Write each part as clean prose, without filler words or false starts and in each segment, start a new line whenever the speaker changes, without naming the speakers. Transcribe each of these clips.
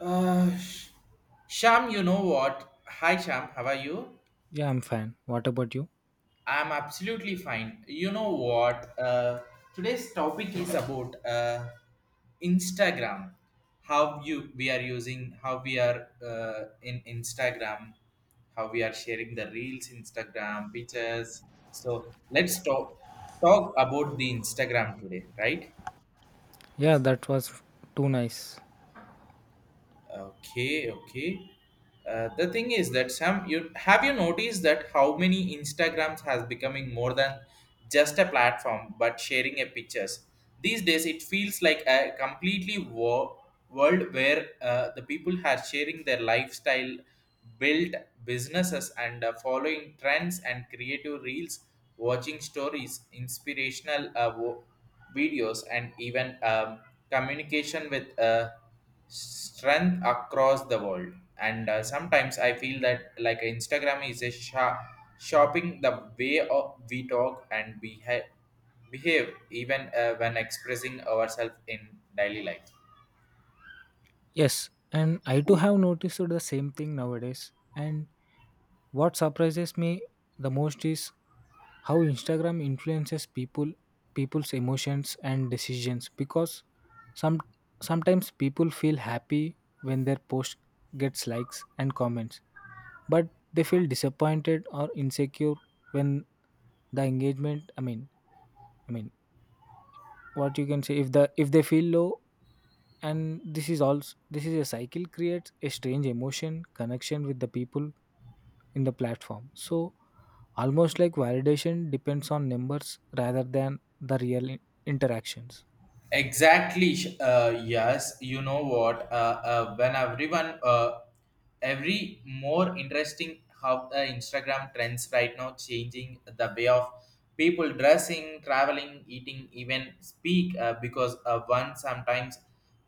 Uh, Sh- Sham, you know what? Hi, Sham. How are you?
Yeah, I'm fine. What about you?
I'm absolutely fine. You know what? Today's topic is about Instagram. How you we are using, how we are in Instagram, how we are sharing the reels, Instagram pictures. So let's talk about the Instagram today, right?
Yeah, that was too nice.
Okay, okay. The thing is that some you have you noticed that how many Instagrams has becoming more than just a platform but sharing a pictures. These days it feels like a world where the people are sharing their lifestyle, built businesses and following trends and creative reels, watching stories, inspirational videos, and even communication with strength across the world. And sometimes I feel that like Instagram is a sha shopping the way of we talk and behave, behave even when expressing ourselves in daily life.
Yes, and I too have noticed the same thing nowadays. And what surprises me the most is how Instagram influences people's emotions and decisions, because some sometimes people feel happy when their post gets likes and comments, but they feel disappointed or insecure when the engagement, I mean, what you can say, if the if they feel low. And this is also, this is a cycle, creates a strange emotion connection with the people in the platform, so almost like validation depends on numbers rather than the real interactions.
Exactly. Yes, you know what? When everyone, every more interesting how the Instagram trends right now changing the way of people dressing, traveling, eating, even speak. Because one sometimes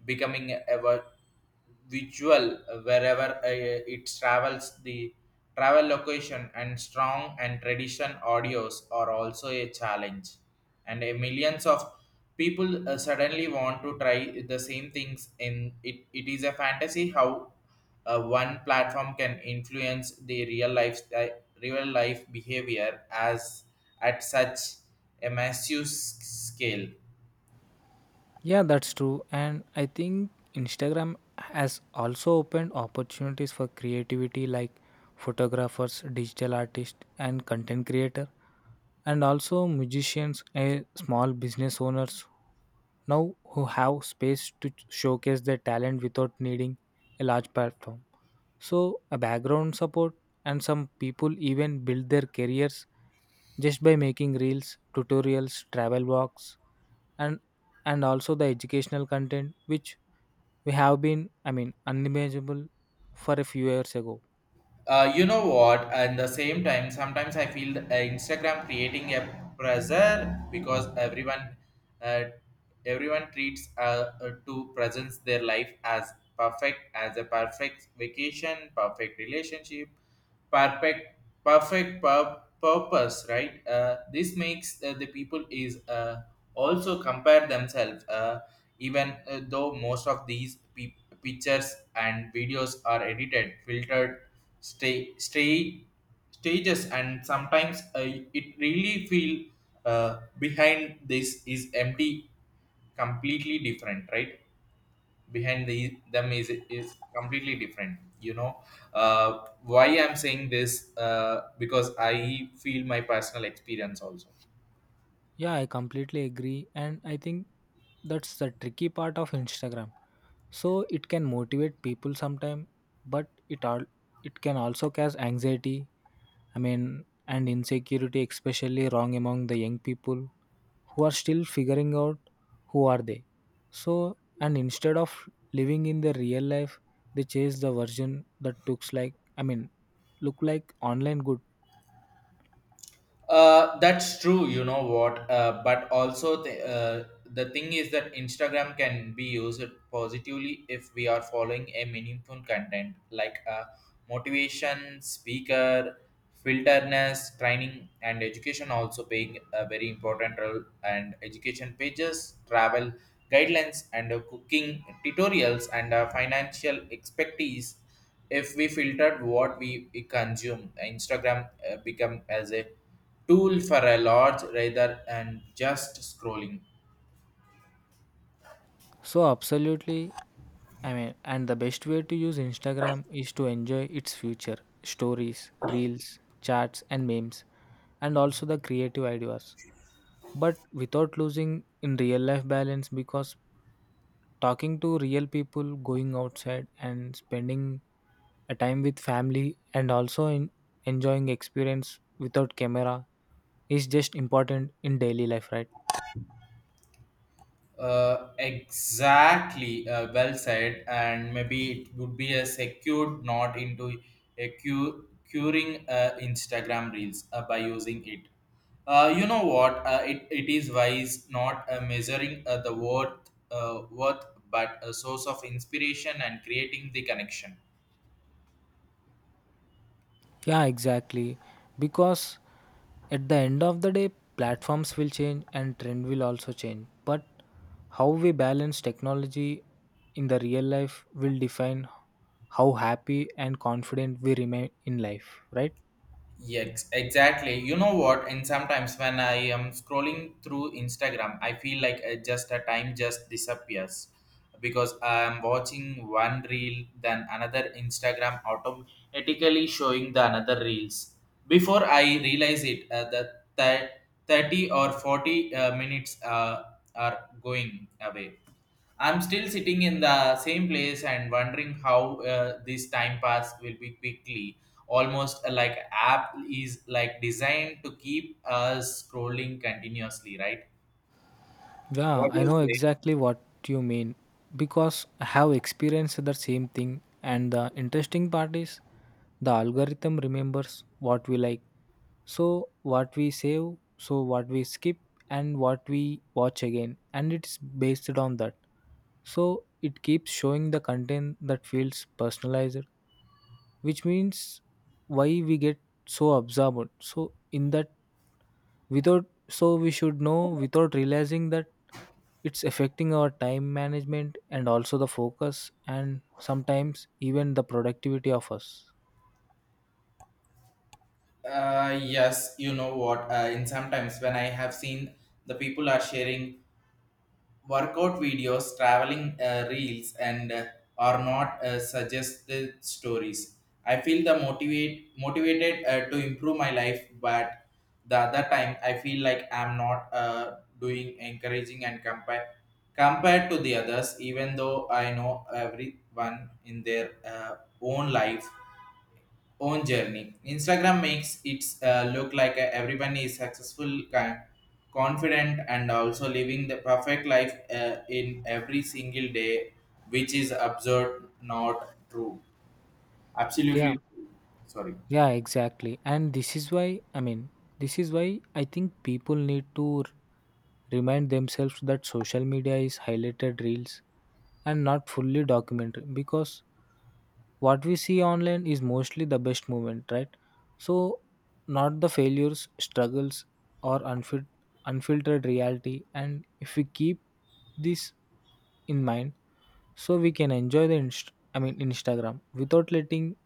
becoming ever visual wherever it travels the travel location and strong and tradition audios are also a challenge and a millions of people suddenly want to try the same things and it is a fantasy how one platform can influence the real life behavior as at such a scale.
Yeah, that's true. And I think Instagram has also opened opportunities for creativity, like photographers, digital artists, and content creator, and also musicians and small business owners now, who have space to showcase their talent without needing a large platform. So a background support, and some people even build their careers just by making reels, tutorials, travel walks, and and also the educational content, which we have been, I mean, unimaginable for a few years ago.
You know what? At the same time sometimes I feel Instagram creating a pressure because everyone uh, everyone treats to presents their life as perfect, as a perfect vacation, perfect relationship, perfect, purpose, right? This makes the people is also compare themselves, even though most of these pictures and videos are edited, filtered, stay stay stages, and sometimes it really feel behind this is empty, completely different, right? Behind them is completely different, you know. Why I'm saying this, because I feel my personal experience also.
Yeah, I completely agree. And I think that's the tricky part of Instagram. So it can motivate people sometime, but it can also cause anxiety, I mean, and insecurity, especially wrong among the young people who are still figuring out who are they. So, and instead of living in the real life, they chase the version that look like online good.
That's true. You know what? But also, the thing is that Instagram can be used positively if we are following a meaningful content like motivation, speaker, filterness, training, and education also playing a very important role. And education pages, travel guidelines, and cooking tutorials, and financial expertise. If we filtered what we consume, Instagram become as a tool for a large rather and just scrolling.
So absolutely. I mean, and the best way to use Instagram is to enjoy its future, stories, reels, chats, and memes, and also the creative ideas, but without losing in real life balance, because talking to real people, going outside, and spending a time with family, and also in enjoying experience without camera is just important in daily life, right?
Exactly, well said, and maybe it would be a secured not into a curing Instagram reels by using it. You know what? It is wise not measuring the worth, worth, but a source of inspiration and creating the connection.
Yeah, exactly. Because at the end of the day, platforms will change and trend will also change. But how we balance technology in the real life will define how happy and confident we remain in life, right?
Yes, exactly. You know what? And sometimes when I am scrolling through Instagram, I feel like just a time just disappears because I am watching one reel, then another Instagram automatically showing the another reels. Before I realize it, 30 or 40 minutes are going away. I'm still sitting in the same place and wondering how this time pass will be quickly, almost like app is like designed to keep us scrolling continuously, right?
Yeah,
What do
I
you
know
say?
exactly what you mean, because I have experienced the same thing. And the interesting part is the algorithm remembers what we like. So what we save, so what we skip, and what we watch again. And it's based on that. So it keeps showing the content that feels personalized, which means why we get so absorbed. So, in that, without so we should know without realizing that it's affecting our time management and also the focus and sometimes even the productivity of us.
Yes, you know what? In sometimes when I have seen the people are sharing workout videos, traveling reels, and are not suggested stories. I feel the motivated to improve my life, but the other time I feel like I'm not doing encouraging and compared to the others. Even though I know everyone in their own life own journey. Instagram makes it look like everyone is successful, confident, and also living the perfect life in every single day, which is absurd, not true.
Yeah.
Absolutely, true. Sorry.
Yeah, exactly. And this is why I think people need to remind themselves that social media is highlighted reels and not fully documentary, because what we see online is mostly the best moment, right? So, not the failures, struggles, or unfiltered reality. And if we keep this in mind, so we can enjoy the I mean, Instagram, without letting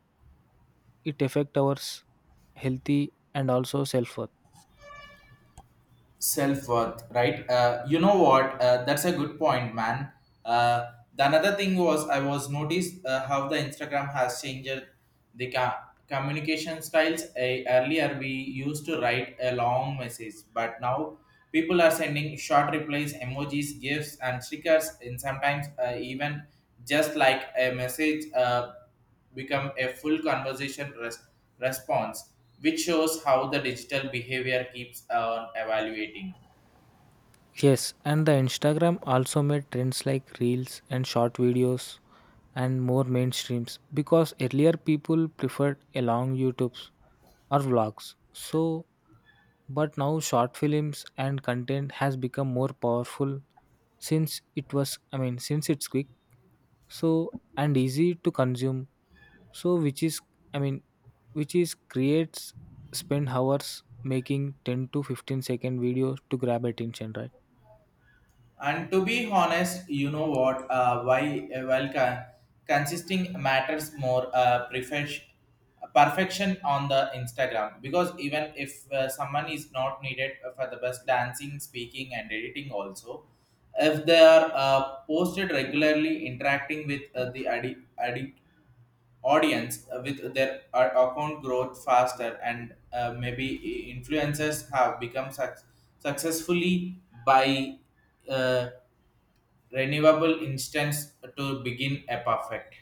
it affect our healthy and also self-worth.
Self worth, right? You know what? That's a good point, man. The another thing was I was noticed how the Instagram has changed the communication styles. Earlier, we used to write a long message, but now people are sending short replies, emojis, gifs, and stickers, and sometimes even just like a message. Become a full conversation response, which shows how the digital behavior keeps on evaluating.
Yes, and the Instagram also made trends like reels and short videos and more mainstreams, because earlier people preferred a long YouTubes or vlogs. So but now short films and content has become more powerful, since it was, I mean, since it's quick, so and easy to consume. So i mean which is creates spend hours making 10 to 15 second videos to grab attention, right?
And to be honest, you know what? Why Well, consisting matters more. Perfection on the Instagram because even if someone is not needed for the best dancing, speaking, and editing, also if they are posted regularly, interacting with the addict audience with their account growth faster and maybe influencers have become successfully by uh, renewable instance to begin a perfect.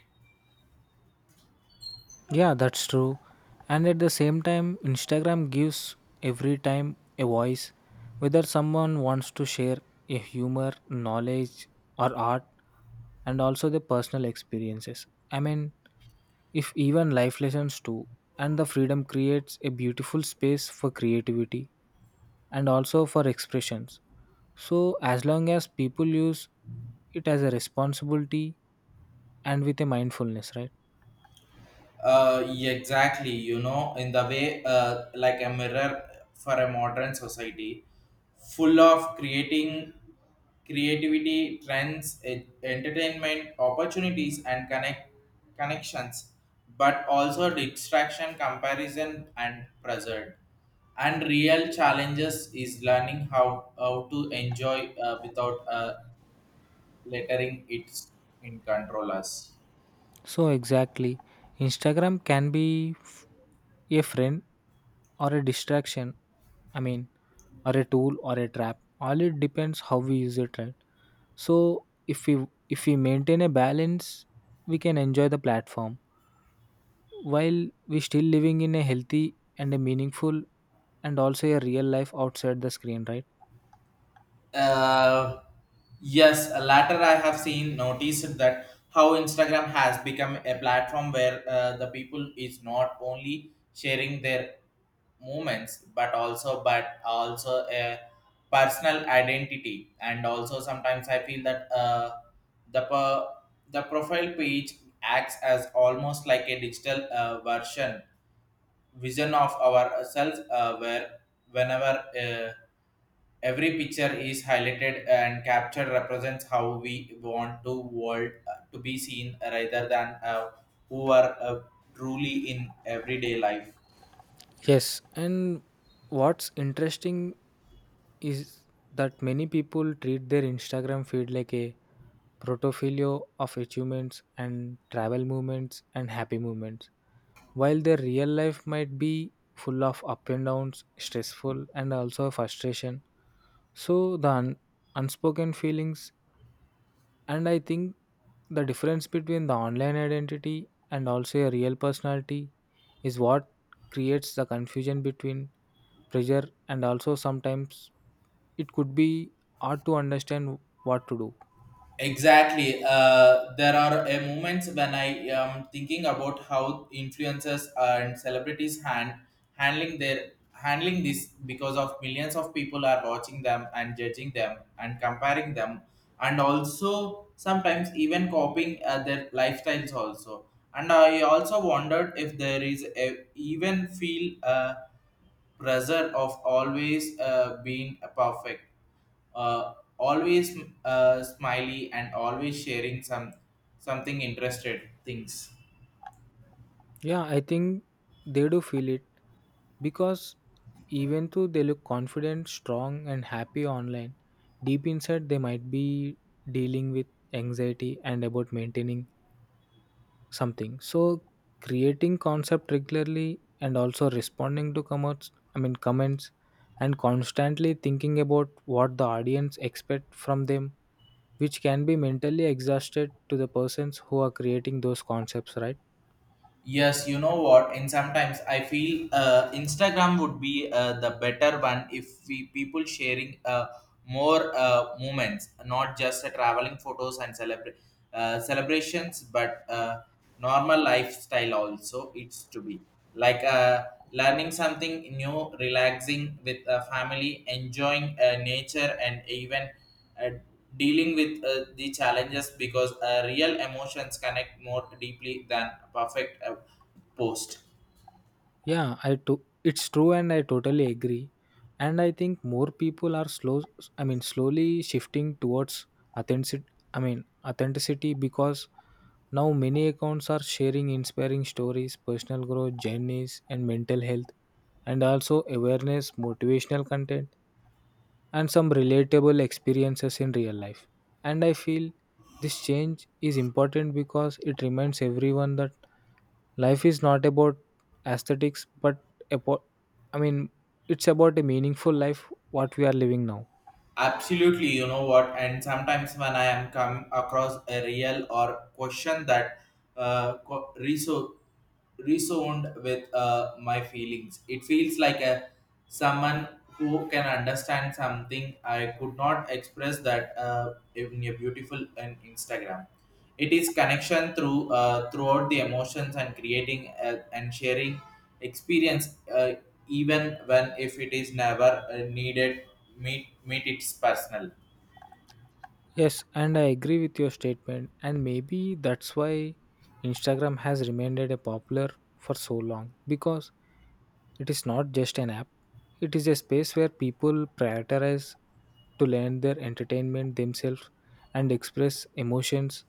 Yeah, that's true. And at the same time, Instagram gives every time a voice. Whether someone wants to share a humor, knowledge, or art, and also the personal experiences. I mean, if even life lessons too, and the freedom creates a beautiful space for creativity and also for expressions. So, as long as people use it as a responsibility and with a mindfulness, right?
Yeah, exactly. You know, in the way, like a mirror for a modern society, full of creating creativity, trends, entertainment, opportunities, and connections, but also distraction, comparison, and pressure. And real challenges is learning how to enjoy without letting it in control us.
So, exactly. Instagram can be a friend or a distraction. I mean, or a tool or a trap. All it depends how we use it, right? So, if we maintain a balance, we can enjoy the platform while we still living in a healthy and a meaningful and also a real life outside the screen, right?
Uh, yes, latter I have seen noticed that how Instagram has become a platform where the people is not only sharing their moments but also a personal identity and also sometimes I feel that the the profile page acts as almost like a digital version vision of ourselves where whenever every picture is highlighted and captured represents how we want to world to be seen rather than who are truly in everyday life.
Yes, and what's interesting is that many people treat their Instagram feed like a portfolio of achievements and travel moments and happy moments, while their real life might be full of up and downs, stressful, and also frustration. So the unspoken feelings. And I think the difference between the online identity and also a real personality is what creates the confusion between pressure, and also sometimes it could be hard to understand what to do.
Exactly. There are moments when I am thinking about how influencers and celebrities handling their handling this because of millions of people are watching them and judging them and comparing them and also sometimes even copying their lifestyles also. And I also wondered if there is a even feel pressure of always being perfect, always, smiley, and always sharing something interested things.
Yeah, I think they do feel it, because even though they look confident, strong, and happy online, deep inside they might be dealing with anxiety and about maintaining something. So creating concept regularly and also responding to comments i mean comments, and constantly thinking about what the audience expect from them, which can be mentally exhausted to the persons who are creating those concepts, right?
Yes, you know what? And sometimes I feel Instagram would be the better one if we people sharing more moments, not just traveling photos and celebrations, but normal lifestyle also. It's to be like learning something new, relaxing with family, enjoying nature, and even uh, dealing with the challenges because real emotions connect more deeply than perfect post.
Yeah, I to it's true, and I totally agree. And I think more people are slow I mean, slowly shifting towards authenticity I mean authenticity, because now many accounts are sharing inspiring stories, personal growth, journeys, and mental health and also awareness, motivational content, and some relatable experiences in real life. And I feel this change is important, because it reminds everyone that life is not about aesthetics, but about, I mean, it's about a meaningful life what we are living now.
Absolutely, you know what, and sometimes when I am come across a real or question that uh co- reso- resound with my feelings, it feels like a someone who can understand something I could not express that in a beautiful and Instagram, it is connection through throughout the emotions and creating and sharing experience, even when if it is never needed meet its personal.
Yes, and I agree with your statement, and maybe that's why Instagram has remained a popular for so long, because it is not just an app, it is a space where people prioritize to learn their entertainment themselves, and express emotions,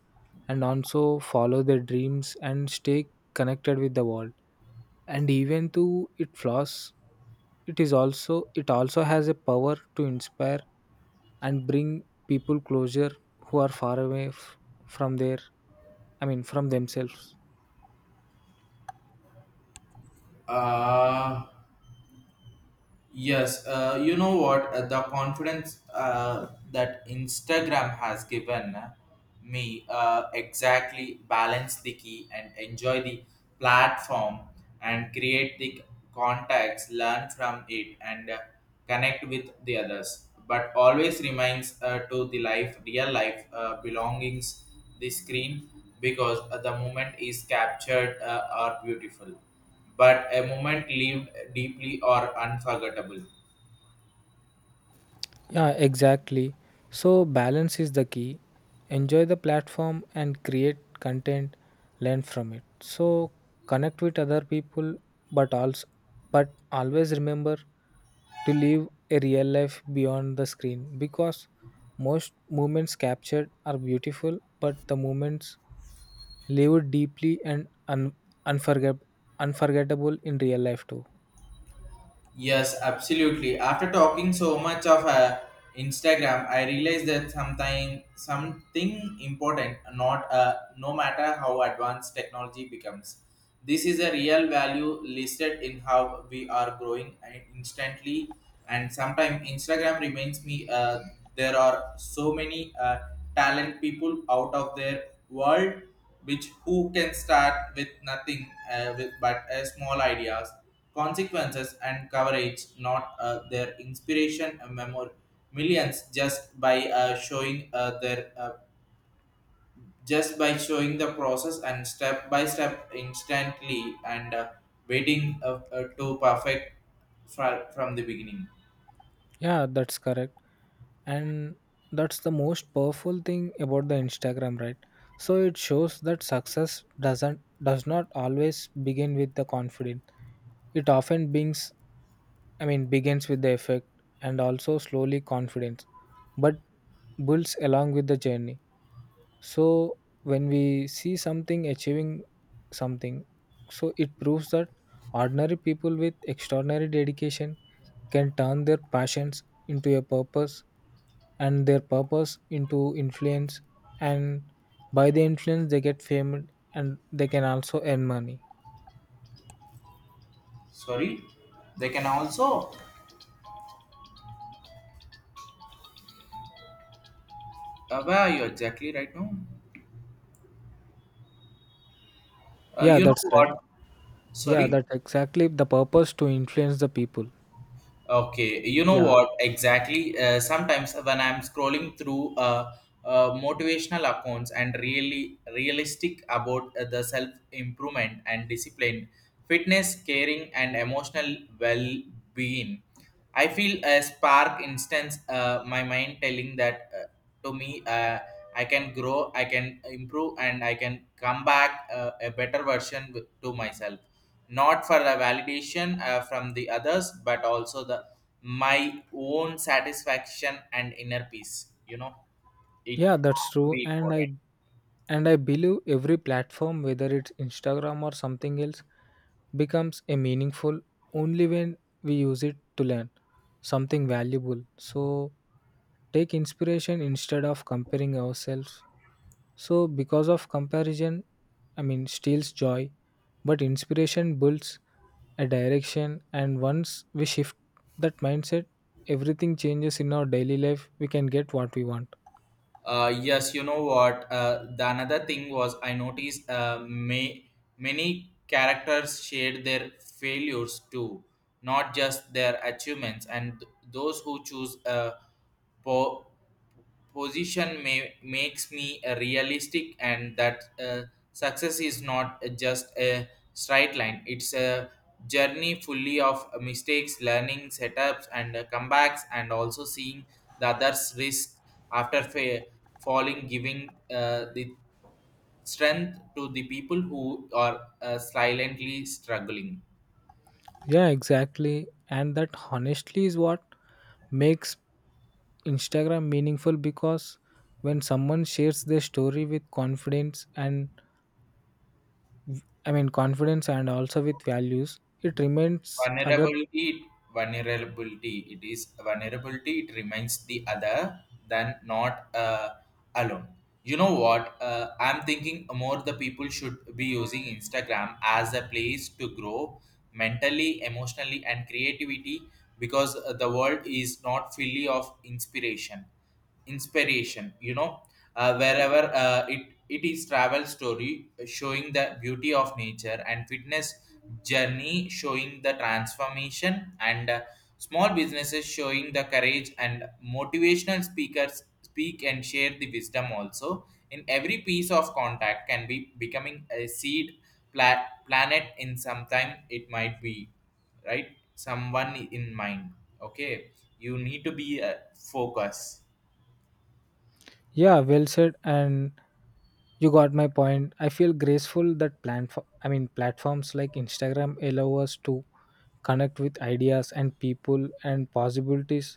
and also follow their dreams, and stay connected with the world. And even though it flaws, it is also, it also has a power to inspire and bring people closer who are far away from their, I mean, from themselves.
uh yes, you know what, the confidence that Instagram has given me, exactly balance the key and enjoy the platform and create the contacts, learn from it, and connect with the others, but always reminds to the life real life belongings the screen because the moment is captured are beautiful, but a moment lived deeply or unforgettable.
Yeah, exactly. So, balance is the key. Enjoy the platform and create content, learn from it. So, connect with other people, but also, but always remember to live a real life beyond the screen, because most moments captured are beautiful, but the moments lived deeply and unforget- unforgettable in real life too.
Yes, absolutely. After talking so much of Instagram, I realized that something important, not no matter how advanced technology becomes, this is a real value listed in how we are growing and instantly. And sometimes Instagram reminds me there are so many talent people out of their world, which who can start with nothing with but a small ideas consequences and coverage, not their inspiration and memor millions just by showing their just by showing the process and step by step instantly and waiting to perfect from the beginning.
Yeah, that's correct. And that's the most powerful thing about the Instagram, right? So it shows that success does not always begin with the confidence. It often begins, I mean, begins with the effect, and also slowly confidence, but builds along with the journey. So when we see something achieving something, so it proves that ordinary people with extraordinary dedication can turn their passions into a purpose and their purpose into influence, and by the influence they get famed and they can also earn money.
Sorry, they can also. Where are you exactly right now?
Yeah,
You know
that's right.
what?
Yeah,
Sorry.
that's exactly the purpose to influence the people.
Okay, you know
Yeah.
what exactly? Sometimes when I'm scrolling through motivational accounts and really realistic about the self improvement and discipline, fitness, caring, and emotional well being, I feel a spark instance my mind telling that to me I can grow, I can improve, and I can come back a better version to myself, not for the validation from the others, but also the my own satisfaction and inner peace. It
Yeah,
has
that's
to
true.
be important.
And I believe every platform, whether it's Instagram or something else, becomes a meaningful only when we use it to learn something valuable. So take inspiration instead of comparing ourselves. So, because of comparison, I mean, steals joy, but inspiration builds a direction. And once we shift that mindset, everything changes in our daily life. We can get what we want.
Yes, you know what? The another thing was I noticed, many characters shared their failures too, not just their achievements. And those who choose po- position makes me a realistic, and that success is not just a straight line. It's a journey fully of mistakes, learning setups, and comebacks, and also seeing the others risk after falling, giving the strength to the people who are silently struggling.
Yeah, exactly. And that honestly is what makes Instagram meaningful, because when someone shares their story with confidence and also with values, it remains other.
Vulnerability, it is vulnerability. It reminds the other than not alone. You know what? I'm thinking more the people should be using Instagram as a place to grow mentally, emotionally, and creativity. Because the world is not fully of inspiration, you know. Wherever it is travel story showing the beauty of nature, and fitness journey showing the transformation, and small businesses showing the courage, and motivational speakers speak and share the wisdom. Also in every piece of contact can be becoming a seed planet in some time. It might be right someone in mind. Okay, you need to be a focus.
Yeah, well said. And you got my point. I feel graceful that platforms like Instagram allow us to connect with ideas and people and possibilities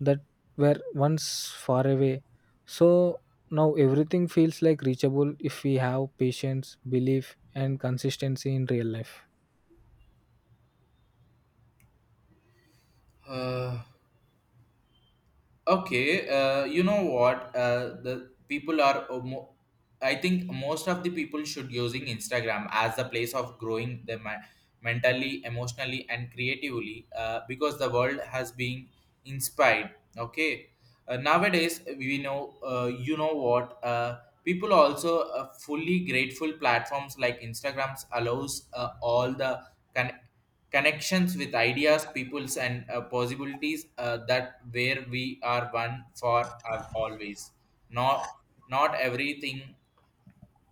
that were once far away. So now everything feels like reachable if we have patience, belief, and consistency in real life.
Okay, you know what? The people are. I think most of the people should using Instagram as a place of growing them mentally, emotionally, and creatively. Because the world has been inspired. Okay, nowadays we know. You know what? People also fully grateful platforms like Instagrams allows all the con- connections with ideas, peoples, and possibilities that where we are one for always. Not not everything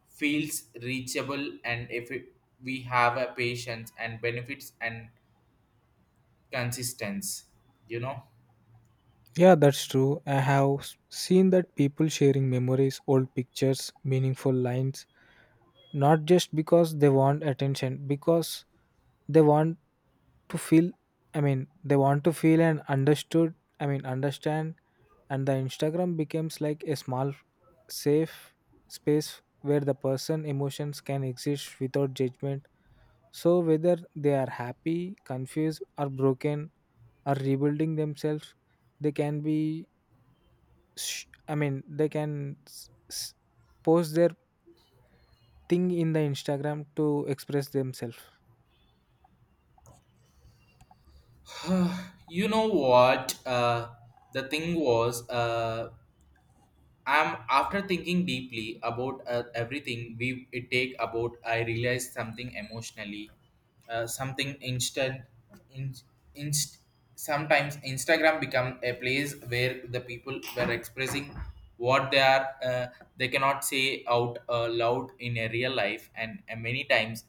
feels reachable, and if it, we have a patience and benefits and consistency, you know.
Yeah, that's true. I have seen that people sharing memories, old pictures, meaningful lines, not just because they want attention, because they want to feel, I mean, they want to feel and understood, I mean, understand. And the Instagram becomes like a small, safe space where the person emotions can exist without judgment. So, whether they are happy, confused, or broken, or rebuilding themselves, they can be, I mean, they can post their thing in the Instagram to express themselves.
You know what? The thing was. I'm after thinking deeply about everything we it take about. I realized something emotionally, something instant, in, inst, sometimes Instagram become a place where the people were expressing what they are, they cannot say out loud in a real life, and many times,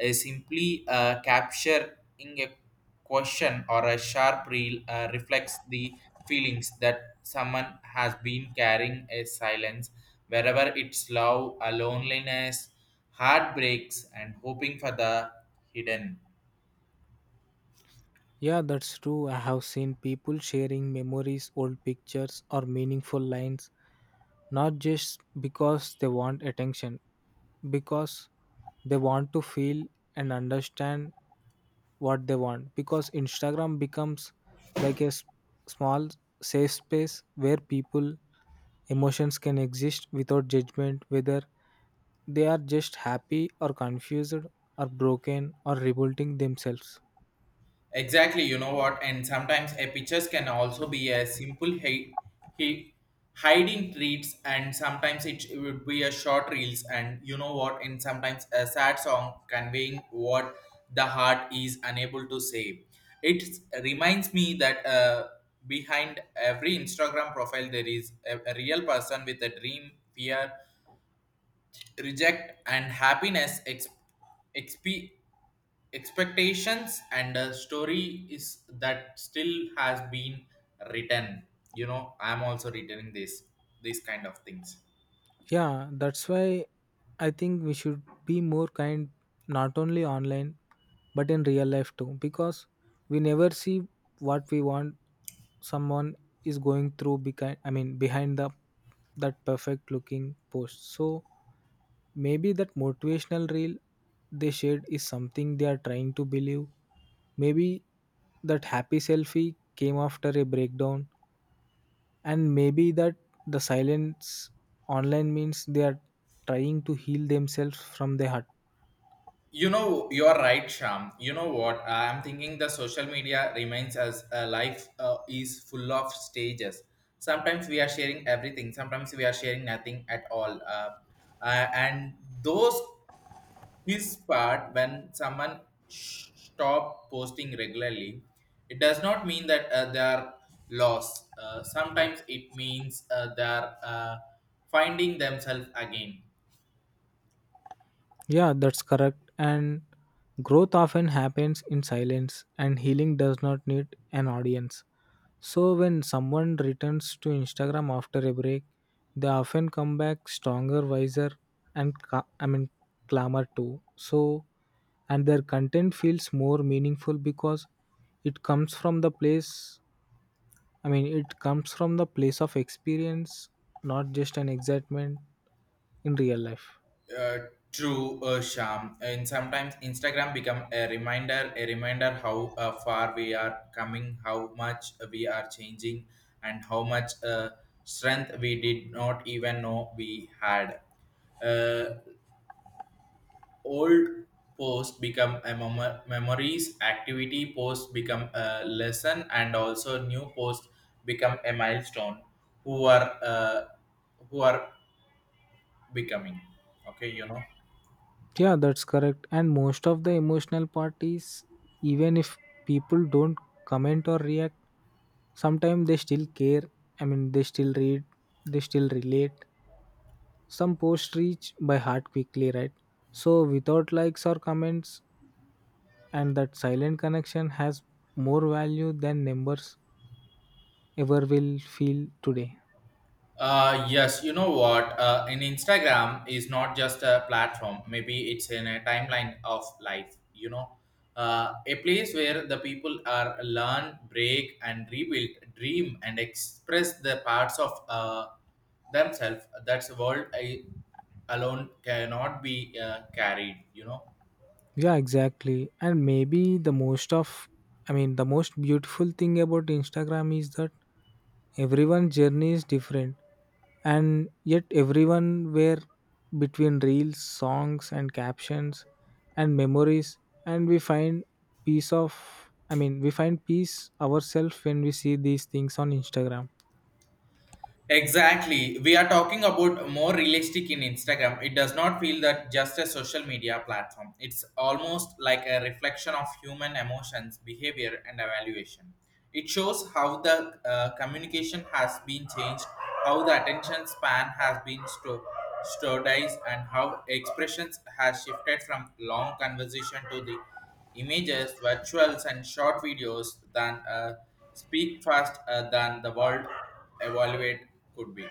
simply capturing a question or a sharp reel reflects the feelings that someone has been carrying a silence, wherever it's love, a loneliness, heartbreaks, and hoping for the hidden.
Yeah, that's true. I have seen people sharing memories, old pictures, or meaningful lines, not just because they want attention, because they want to feel and understand what they want, because Instagram becomes like a small, safe space where people emotions can exist without judgment, whether they are just happy or confused or broken or revolting themselves.
Exactly, you know what? And sometimes a pictures can also be a simple he- hiding treats, and sometimes it would be a short reels, and you know what? And sometimes a sad song conveying what the heart is unable to say. It reminds me that behind every Instagram profile there is a real person with a dream, fear, reject, and happiness expectations, and a story is that still has been written. I'm also returning this these kind of things.
Yeah, that's why I think we should be more kind, not only online but in real life too, because we never see what we want someone is going through behind, I mean, behind the that perfect looking post. So maybe that motivational reel they shared is something they are trying to believe. Maybe that happy selfie came after a breakdown, and maybe that the silence online means they are trying to heal themselves from the hurt.
You're right, Sham. You know what? I'm thinking the social media remains as a life is full of stages. Sometimes we are sharing everything, sometimes we are sharing nothing at all. And those his part when someone stop posting regularly, it does not mean that they are lost. Sometimes it means they are finding themselves again.
Yeah, that's correct. And growth often happens in silence, and healing does not need an audience. So when someone returns to Instagram after a break, they often come back stronger, wiser, and I mean, clamor too. So, and their content feels more meaningful, because it comes from the place I mean, it comes from the place of experience, not just an excitement in real life.
Uh, true Sham, and sometimes Instagram become a reminder, how far we are coming, how much we are changing, and how much strength we did not even know we had. Uh, old posts become a memories, activity posts become a lesson, and also new posts become a milestone who are who are becoming. Okay, you know.
Yeah, that's correct. And most of the emotional parties, even if people don't comment or react, sometimes they still care. I mean, they still read, they still relate. Some posts reach by heart quickly, right? So, without likes or comments, and that silent connection has more value than numbers ever will feel today.
Yes, you know what? In Instagram is not just a platform. Maybe it's in a timeline of life. You know, a place where the people are learn, break, and rebuild, dream, and express the parts of themselves. That's world I alone cannot be carried. You know.
Yeah, exactly. And maybe I mean, the most beautiful thing about Instagram is that everyone's journey is different, and yet everyone were between reels, songs, and captions, and memories, and we find peace of, I mean, we find peace ourselves when we see these things on Instagram.
Exactly. We are talking about more realistic in Instagram. It does not feel that just a social media platform. It's almost like a reflection of human emotions, behavior, and evaluation. It shows how the communication has been changed, how the attention span has been standardized, and how expressions has shifted from long conversation to the images, virtuals, and short videos than speak fast than the world evaluate could be.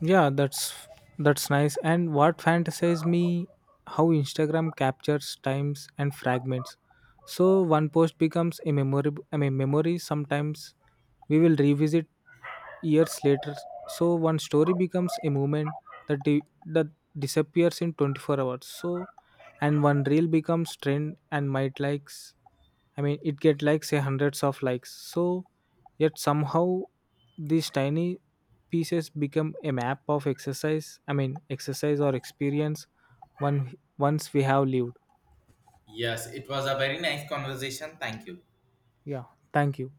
Yeah, that's nice. And what fantasize me how Instagram captures times and fragments. So one post becomes a memory I mean memory sometimes we will revisit years later. So one story becomes a moment that disappears in 24 hours. So, and one reel becomes trend and might likes. I mean, it get like say hundreds of likes. So, yet somehow these tiny pieces become a map of exercise or experience one once we have lived.
Yes, it was a very nice conversation. Thank you.
Yeah. Thank you.